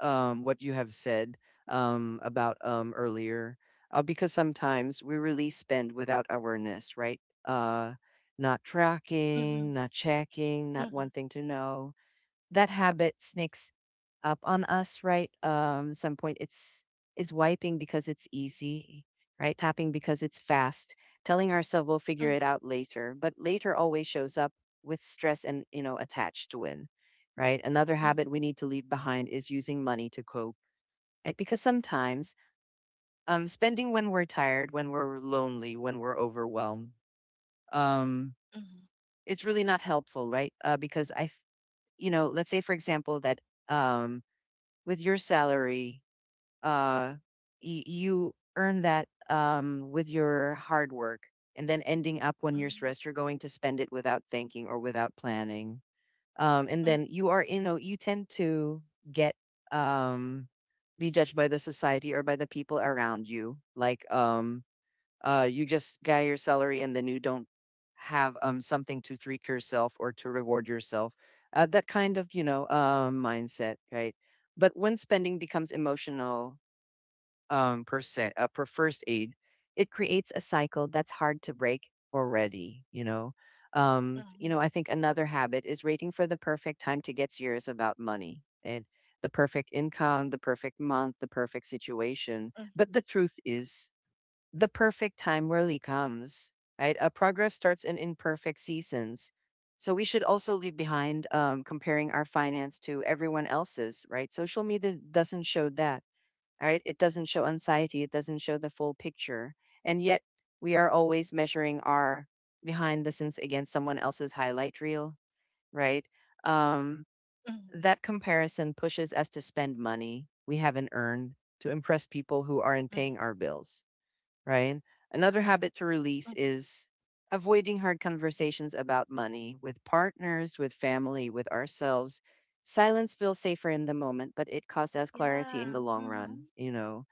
Speaker 1: what you have said about earlier, because sometimes we really spend without awareness, right? Uh, not tracking,
Speaker 2: Mm-hmm.
Speaker 1: not checking, not
Speaker 2: Mm-hmm.
Speaker 1: wanting to know. That habit sneaks up on us, right? Some point it's is wiping because it's easy, right? Tapping because it's fast. Telling ourselves we'll figure it out later, but later always shows up with stress and you know attached to it, right? Another habit
Speaker 2: Mm-hmm.
Speaker 1: we need to leave behind is using money to cope, right? Because sometimes spending when we're tired, when we're lonely, when we're overwhelmed, um,
Speaker 2: Mm-hmm.
Speaker 1: it's really not helpful, right? You know, let's say for example that um, with your salary uh you earn that with your hard work and then ending up when you're stressed you're going to spend it without thinking or without planning and
Speaker 2: Mm-hmm.
Speaker 1: then you are you know you tend to get um be judged by the society or by the people around you like you just got your salary and then you don't have something to treat yourself or to reward yourself. That kind of, you know, mindset, right? But when spending becomes emotional per se, per first aid, it creates a cycle that's hard to break already, you know. You know, I think another habit is waiting for the perfect time to get serious about money and the perfect income, the perfect month, the perfect situation.
Speaker 2: Mm-hmm.
Speaker 1: But the truth is, the perfect time rarely comes, right? A progress starts in imperfect seasons. So we should also leave behind comparing our finance to everyone else's, right? Social media doesn't show that, right? It doesn't show anxiety, it doesn't show the full picture. And yet we are always measuring our behind the scenes against someone else's highlight reel, right? Um,
Speaker 2: Mm-hmm.
Speaker 1: that comparison pushes us to spend money we haven't earned to impress people who aren't
Speaker 2: Mm-hmm.
Speaker 1: paying our bills right? Another habit to release
Speaker 2: Mm-hmm.
Speaker 1: is avoiding hard conversations about money with partners, with family, with ourselves. Silence feels safer in the moment, but it costs us
Speaker 2: Yeah.
Speaker 1: clarity in the long
Speaker 2: Mm-hmm.
Speaker 1: run, you know.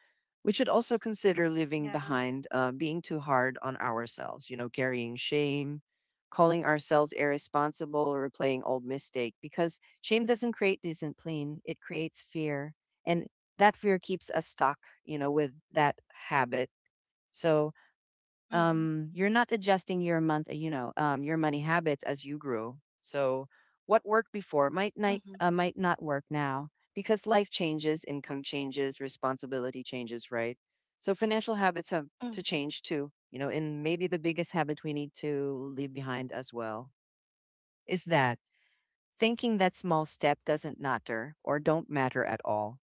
Speaker 1: We should also consider
Speaker 2: Yeah.
Speaker 1: leaving behind being too hard on ourselves, you know, carrying shame, calling ourselves irresponsible, or replaying old mistake, because shame doesn't create discipline, it creates fear. And that fear keeps us stuck, you know, with that habit so
Speaker 2: Mm-hmm.
Speaker 1: you're not adjusting your month, you know, your money habits as you grow. So what worked before might not work now because life changes, income changes, responsibility changes, right? So financial habits have to
Speaker 2: Mm-hmm.
Speaker 1: change too. You know, and maybe the biggest habit we need to leave behind as well is that thinking that small step doesn't matter or don't matter at all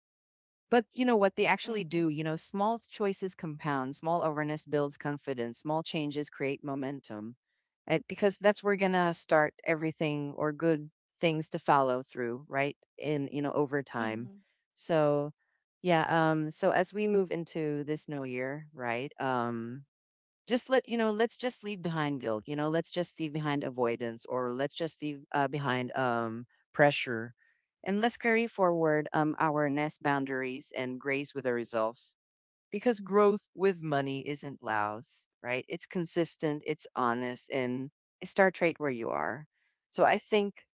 Speaker 1: but you know what? They
Speaker 2: Mhm.
Speaker 1: actually do. You know, small choices compound, small awareness builds confidence, small changes create momentum. And because that's where we're gonna start everything or good things to follow through, right? In you know, over time.
Speaker 2: Mhm.
Speaker 1: So yeah, so as we move into this new year, right? Just let you know let's just leave behind guilt you know let's just leave behind avoidance or let's just leave behind pressure and let's carry forward our nest boundaries and grace with the results because growth with money isn't loud right it's consistent it's honest and start right where you are so I think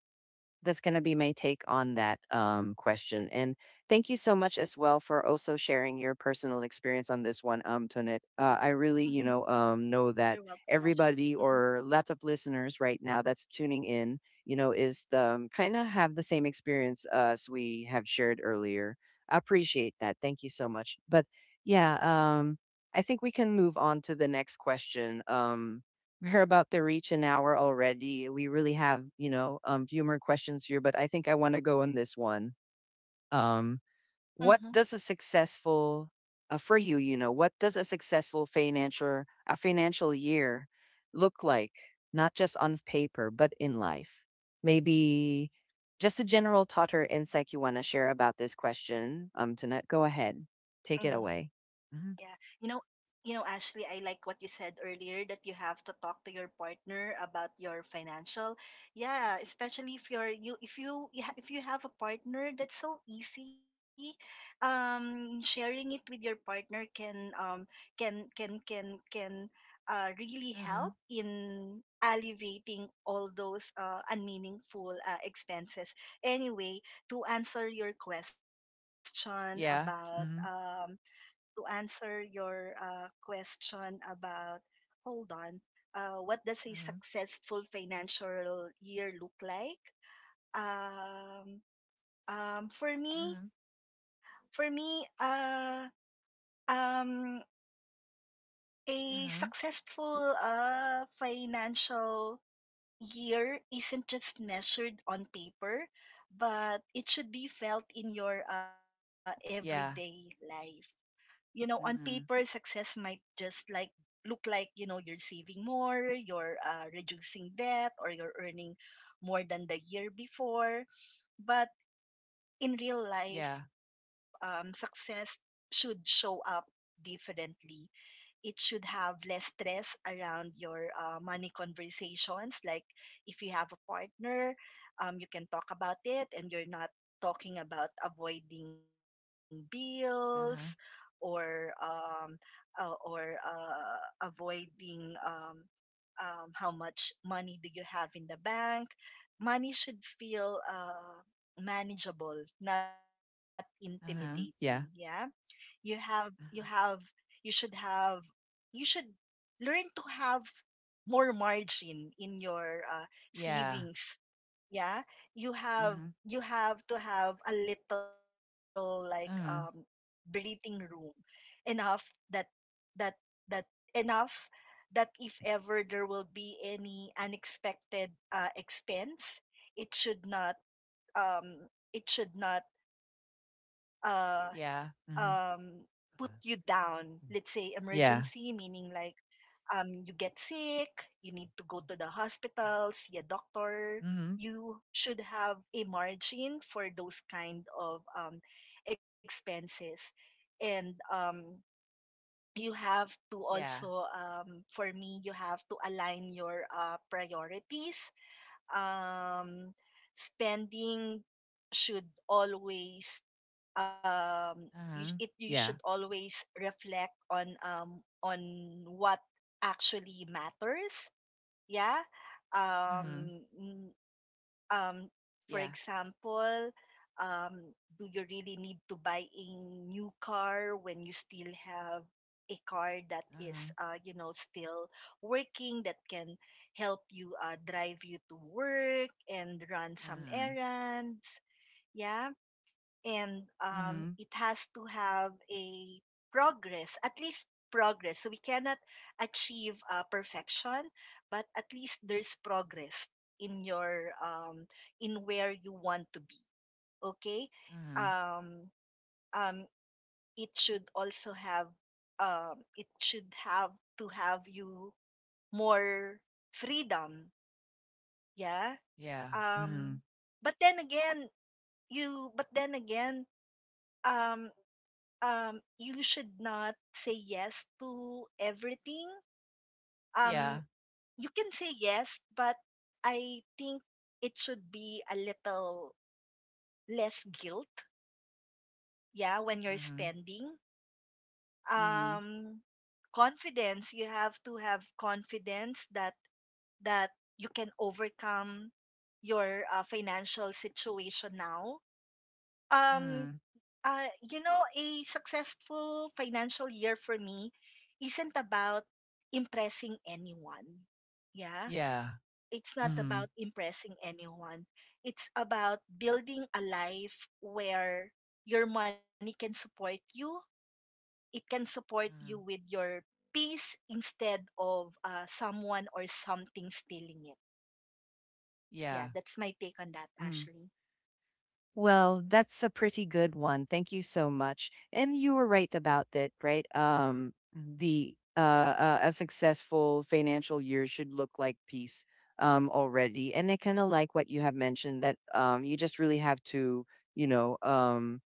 Speaker 1: that's going to be my take on that question. And thank you so much as well for also sharing your personal experience on this one, Tonit. I really,
Speaker 2: Mhm.
Speaker 1: you know
Speaker 2: You're
Speaker 1: that
Speaker 2: welcome, Ashley.
Speaker 1: everybody
Speaker 2: Mhm.
Speaker 1: or lots of listeners right now that's tuning in, you know, is the kind of have the same experience as we have shared earlier. I appreciate that. Thank you so much. But yeah, I think we can move on to the next question. We're about to reach an hour already. We really have, you know, few more questions here, but I think I want to go on this one. Um,
Speaker 2: Mhm.
Speaker 1: what does a successful for you, you know, what does a successful financial year look like? Not just on paper, but in life. Maybe just a general thought or insight you want to share about this question. Tanette, go ahead, take it
Speaker 2: Mhm.
Speaker 1: away. Mhm.
Speaker 2: Yeah. You know, you know, Ashley, I like what you said earlier that you have to talk to your partner about your financial. Yeah, especially if if you have a partner, that's so easy. Sharing it with your partner can really
Speaker 1: Mm-hmm.
Speaker 2: help in alleviating all those unmeaningful expenses. Anyway, to answer your question
Speaker 1: Yeah.
Speaker 2: about
Speaker 1: Mm-hmm.
Speaker 2: um to answer your question about, hold on, what
Speaker 1: Mm-hmm.
Speaker 2: does a successful financial year look like? Um,
Speaker 1: Mm-hmm.
Speaker 2: for me, for me, uh, um, a
Speaker 1: Mm-hmm.
Speaker 2: successful financial year isn't just measured on paper, but it should be felt in your
Speaker 1: Yeah.
Speaker 2: everyday life. You know, on
Speaker 1: Mhm.
Speaker 2: paper, success might just like look like, you know, you're saving more, you're reducing debt, or you're earning more than the year before. But in
Speaker 1: Yeah.
Speaker 2: real life, success should show up differently. It should have less stress around your money conversations. Like, if you have a partner, you can talk about it, and you're not talking about avoiding bills
Speaker 1: Uh-huh.
Speaker 2: or— uh, or uh, avoiding, how much money do you have in the bank. Money should feel manageable, not
Speaker 1: Uh-huh.
Speaker 2: intimidating.
Speaker 1: Yeah.
Speaker 2: Yeah, you have
Speaker 1: Uh-huh.
Speaker 2: you have you should learn to have more margin in your
Speaker 1: Yeah.
Speaker 2: savings. Yeah.
Speaker 1: Mhm.
Speaker 2: You have you have to have a little, like,
Speaker 1: Mhm.
Speaker 2: breathing room enough that that enough that if ever there will be any unexpected expense, it should not— um it should not uh
Speaker 1: Yeah. Mhm.
Speaker 2: um, put
Speaker 1: Uh-huh.
Speaker 2: you down.
Speaker 1: Mm.
Speaker 2: Let's say
Speaker 1: Yeah.
Speaker 2: emergency, meaning, like, you get sick, you need to go to the hospital, see a doctor.
Speaker 1: Mhm.
Speaker 2: You should have a margin for those kind of expenses, and you have to
Speaker 1: Yeah.
Speaker 2: also, for me, you have to align your priorities. Um, Spending should always, you,
Speaker 1: Uh-huh.
Speaker 2: it— you should
Speaker 1: Yeah.
Speaker 2: always reflect on, on what actually matters. Yeah.
Speaker 1: Mhm.
Speaker 2: um mm, um for
Speaker 1: Yeah.
Speaker 2: example, um do you really need to buy a new car when you still have a car that is,
Speaker 1: Mhm.
Speaker 2: you know, still working, that can help you drive you to work and run some
Speaker 1: Mhm.
Speaker 2: errands? Yeah. And
Speaker 1: Mhm.
Speaker 2: it has to have a progress, at least progress. So we cannot achieve perfection, but at least there's progress in your um, in where you want to be. Okay.
Speaker 1: Mhm.
Speaker 2: um, um, it should also have— it should have to have you more freedom. Yeah.
Speaker 1: Yeah.
Speaker 2: Um,
Speaker 1: Mhm.
Speaker 2: but then again— you but then again, um you should not say yes to everything. um
Speaker 1: Yeah.
Speaker 2: you can say yes, but I think it should be a little less guilt, yeah, when you're
Speaker 1: Mhm.
Speaker 2: spending.
Speaker 1: Mhm.
Speaker 2: um Confidence— you have to have confidence that you can overcome your financial situation now. um
Speaker 1: Mhm.
Speaker 2: You know, a successful financial year for me isn't about impressing anyone. Yeah.
Speaker 1: Yeah.
Speaker 2: It's not
Speaker 1: Mhm.
Speaker 2: about impressing anyone. It's about building a life where your money can support you. It can support you with
Speaker 1: Mhm.
Speaker 2: your peace instead of someone or something stealing it. Yeah,
Speaker 1: Yeah.
Speaker 2: that's my take on that,
Speaker 1: Mhm.
Speaker 2: Ashley.
Speaker 1: Well, that's a pretty good one. Thank you so much. And you were right about that, right? The A successful financial year should look like peace already. And I kind of like what you have mentioned that you just really have to, you know, um,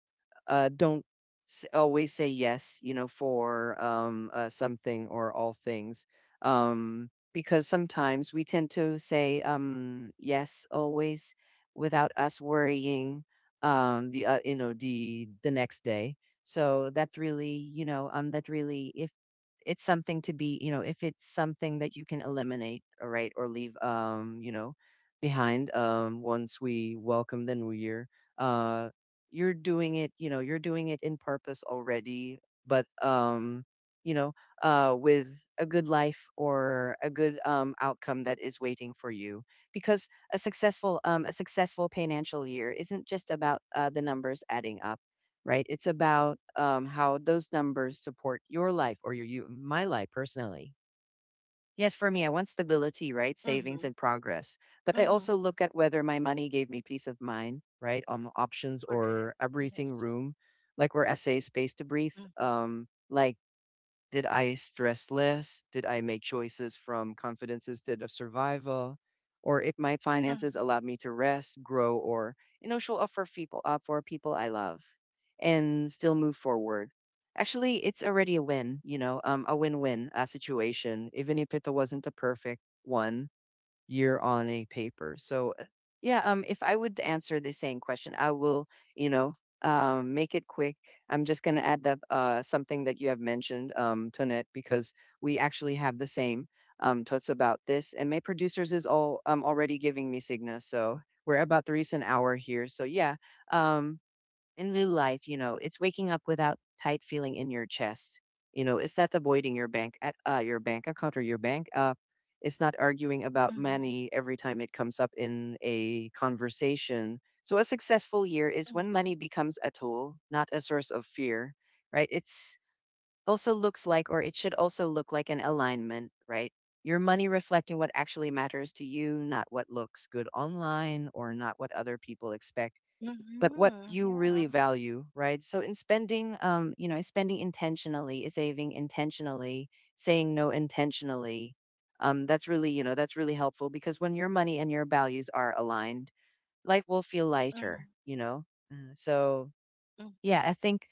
Speaker 1: don't always say yes, for something or all things. Because sometimes we tend to say yes always without us worrying the you know the next day. So that's really, you know, that really, if it's something to be, you know, if it's something that you can eliminate, all right, or leave, you know, behind, once we welcome the new year. Uh you're doing it, you know, you're doing it in purpose already, but you know, with a good life or a good outcome that is waiting for you, because a successful a successful financial year isn't just about the numbers adding up, right? It's about how those numbers support your life or your you my life personally. Yes, for me, I want stability, right? Savings
Speaker 2: Mm-hmm.
Speaker 1: and progress. But I
Speaker 2: Mm-hmm.
Speaker 1: also look at whether my money gave me peace of mind, right? Options or
Speaker 2: Correct.
Speaker 1: a
Speaker 2: Yes.
Speaker 1: breathing room, like where I say space to
Speaker 2: Mm-hmm.
Speaker 1: breathe. Like did I stress less? Did I make choices from confidence instead of survival? Or if my
Speaker 2: Mm-hmm.
Speaker 1: finances allowed me to rest, grow, or, you know, show up for people I love, and still move forward. Actually, it's already a win. You know, a win-win situation, even if it wasn't a perfect one year on a paper. So yeah, if I would answer the same question, I will, you know, make it quick. I'm just going to add up something that you have mentioned, Tonette, because we actually have the same thoughts about this. And my producers is all already giving me Cigna, so we're about to reach an hour here. So yeah, um, in real life, you know, it's waking up without tight feeling in your chest. You know, it's not avoiding your bank at your bank account or your bank. It's not arguing about
Speaker 2: Mm-hmm.
Speaker 1: money every time it comes up in a conversation. So a successful year is when
Speaker 2: Mm-hmm.
Speaker 1: money becomes a tool, not a source of fear, right? It's also looks like, or it should also look like an alignment, right? Your money reflecting what actually matters to you, not what looks good online or not what other people expect, but what
Speaker 2: Mhm,
Speaker 1: you
Speaker 2: yeah.
Speaker 1: really value, right? So in spending, you know, spending intentionally, saving intentionally, saying no intentionally, that's really, you know, that's really helpful, because when your money and your values are aligned, life will feel
Speaker 2: Mhm.
Speaker 1: lighter, you know. So
Speaker 2: Mm.
Speaker 1: yeah, I think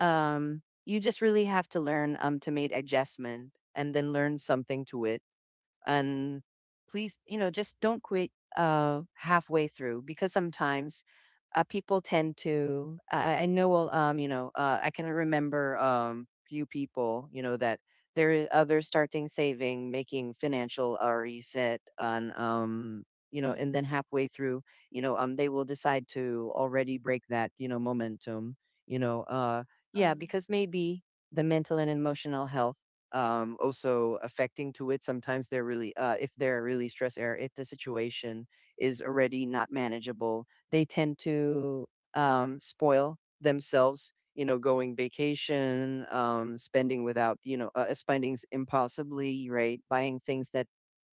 Speaker 1: you just really have to learn to make adjustment and then learn something to it, and please, you know, just don't quit halfway through, because sometimes people tend to, I know well, you know, I can remember few people, you know, that there are others starting saving, making financial reset, and you know,
Speaker 2: Mhm.
Speaker 1: and then halfway through, you know, they will decide to already break that, you know, momentum you know uh
Speaker 2: Mm.
Speaker 1: yeah, because maybe the mental and emotional health, also affecting to it. Sometimes they're really, if they're really stress air, if the situation is already not manageable, they tend to spoil themselves. You know, going vacation, spending without, you know, spending impulsively, right? Buying things that,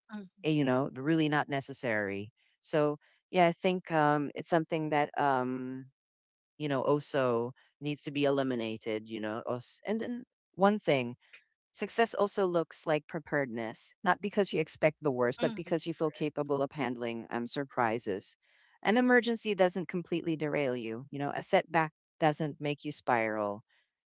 Speaker 2: Mhm.
Speaker 1: you know, really not necessary. So yeah, I think it's something that you know also needs to be eliminated. You know, and then one thing. Success also looks like preparedness, not because you expect the worst, but
Speaker 2: Mhm,
Speaker 1: because you feel
Speaker 2: correct.
Speaker 1: capable of handling surprises. An emergency doesn't completely derail you. You know, a setback doesn't make you spiral.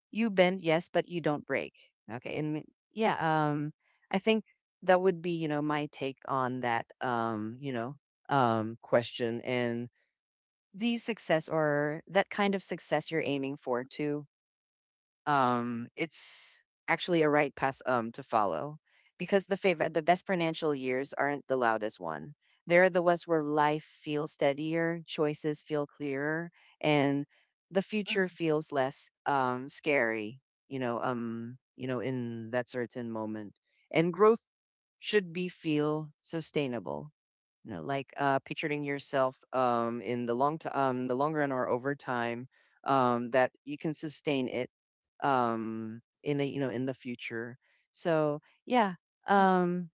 Speaker 1: You bend, yes, but you don't break. Okay, and yeah, I think that would be, you know, my take on that, you know, question, and the success or that kind of success you're aiming for too, it's actually a right path to follow, because the the best financial years aren't the loudest one. They're the ones where life feels steadier, choices feel clearer, and the
Speaker 2: Mhm.
Speaker 1: future feels less scary. You know, in that certain moment, and growth should be feel sustainable. You know, like picturing yourself in the the long run or over time, that you can sustain it, in the, you know, in the future. So yeah,
Speaker 2: Mm.
Speaker 1: um,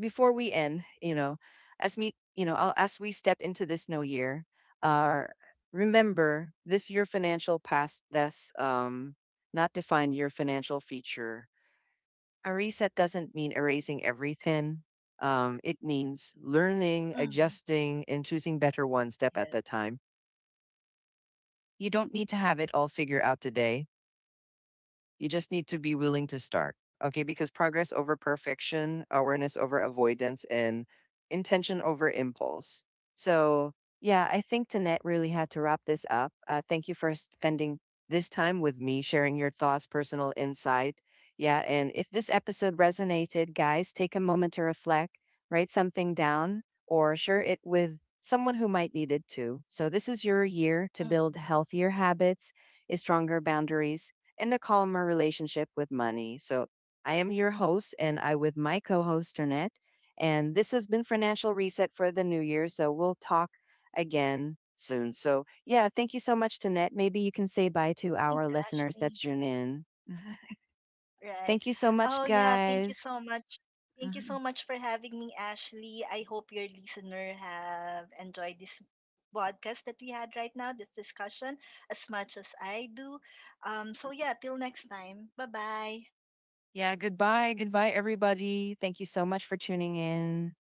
Speaker 1: before we end, you know, as me, you know, I'll, as we step into this new year, uh, remember this year financial past that's, not define your financial future. A reset doesn't mean erasing everything. It means learning,
Speaker 2: Mhm.
Speaker 1: adjusting, and choosing better, one step at a
Speaker 2: Yes.
Speaker 1: time. You don't need to have it all figured out today. You just need to be willing to start. Okay. Because progress over perfection, awareness over avoidance, and intention over impulse. So, yeah, I think Tanette really had to wrap this up. Thank you for spending this time with me, sharing your thoughts, personal insight. Yeah, and if this episode resonated, guys, take a moment to reflect, write something down, or share it with someone who might need it too. So, this is your year to build
Speaker 2: Mhm.
Speaker 1: healthier habits, stronger boundaries, and a calmer relationship with money. So, I am your host, and I with my co-host Ternette, and this has been Financial Reset for the new year. So we'll talk again soon. So yeah, thank you so much, Ternette. Maybe you can say bye to
Speaker 2: Thank
Speaker 1: our
Speaker 2: you,
Speaker 1: listeners that
Speaker 2: Ashley.
Speaker 1: tune in. *laughs* Mhm.
Speaker 2: Right.
Speaker 1: Thank you so much,
Speaker 2: Oh, yeah. Thank you
Speaker 1: guys.
Speaker 2: so much. Thank you so
Speaker 1: Mhm.
Speaker 2: much for having me, Ashley. I hope your listener have enjoyed this podcast that we had right now, this discussion, as much as I do. So, yeah, till next time. Bye bye.
Speaker 1: Yeah, goodbye. Goodbye, everybody. Thank you so much for tuning in.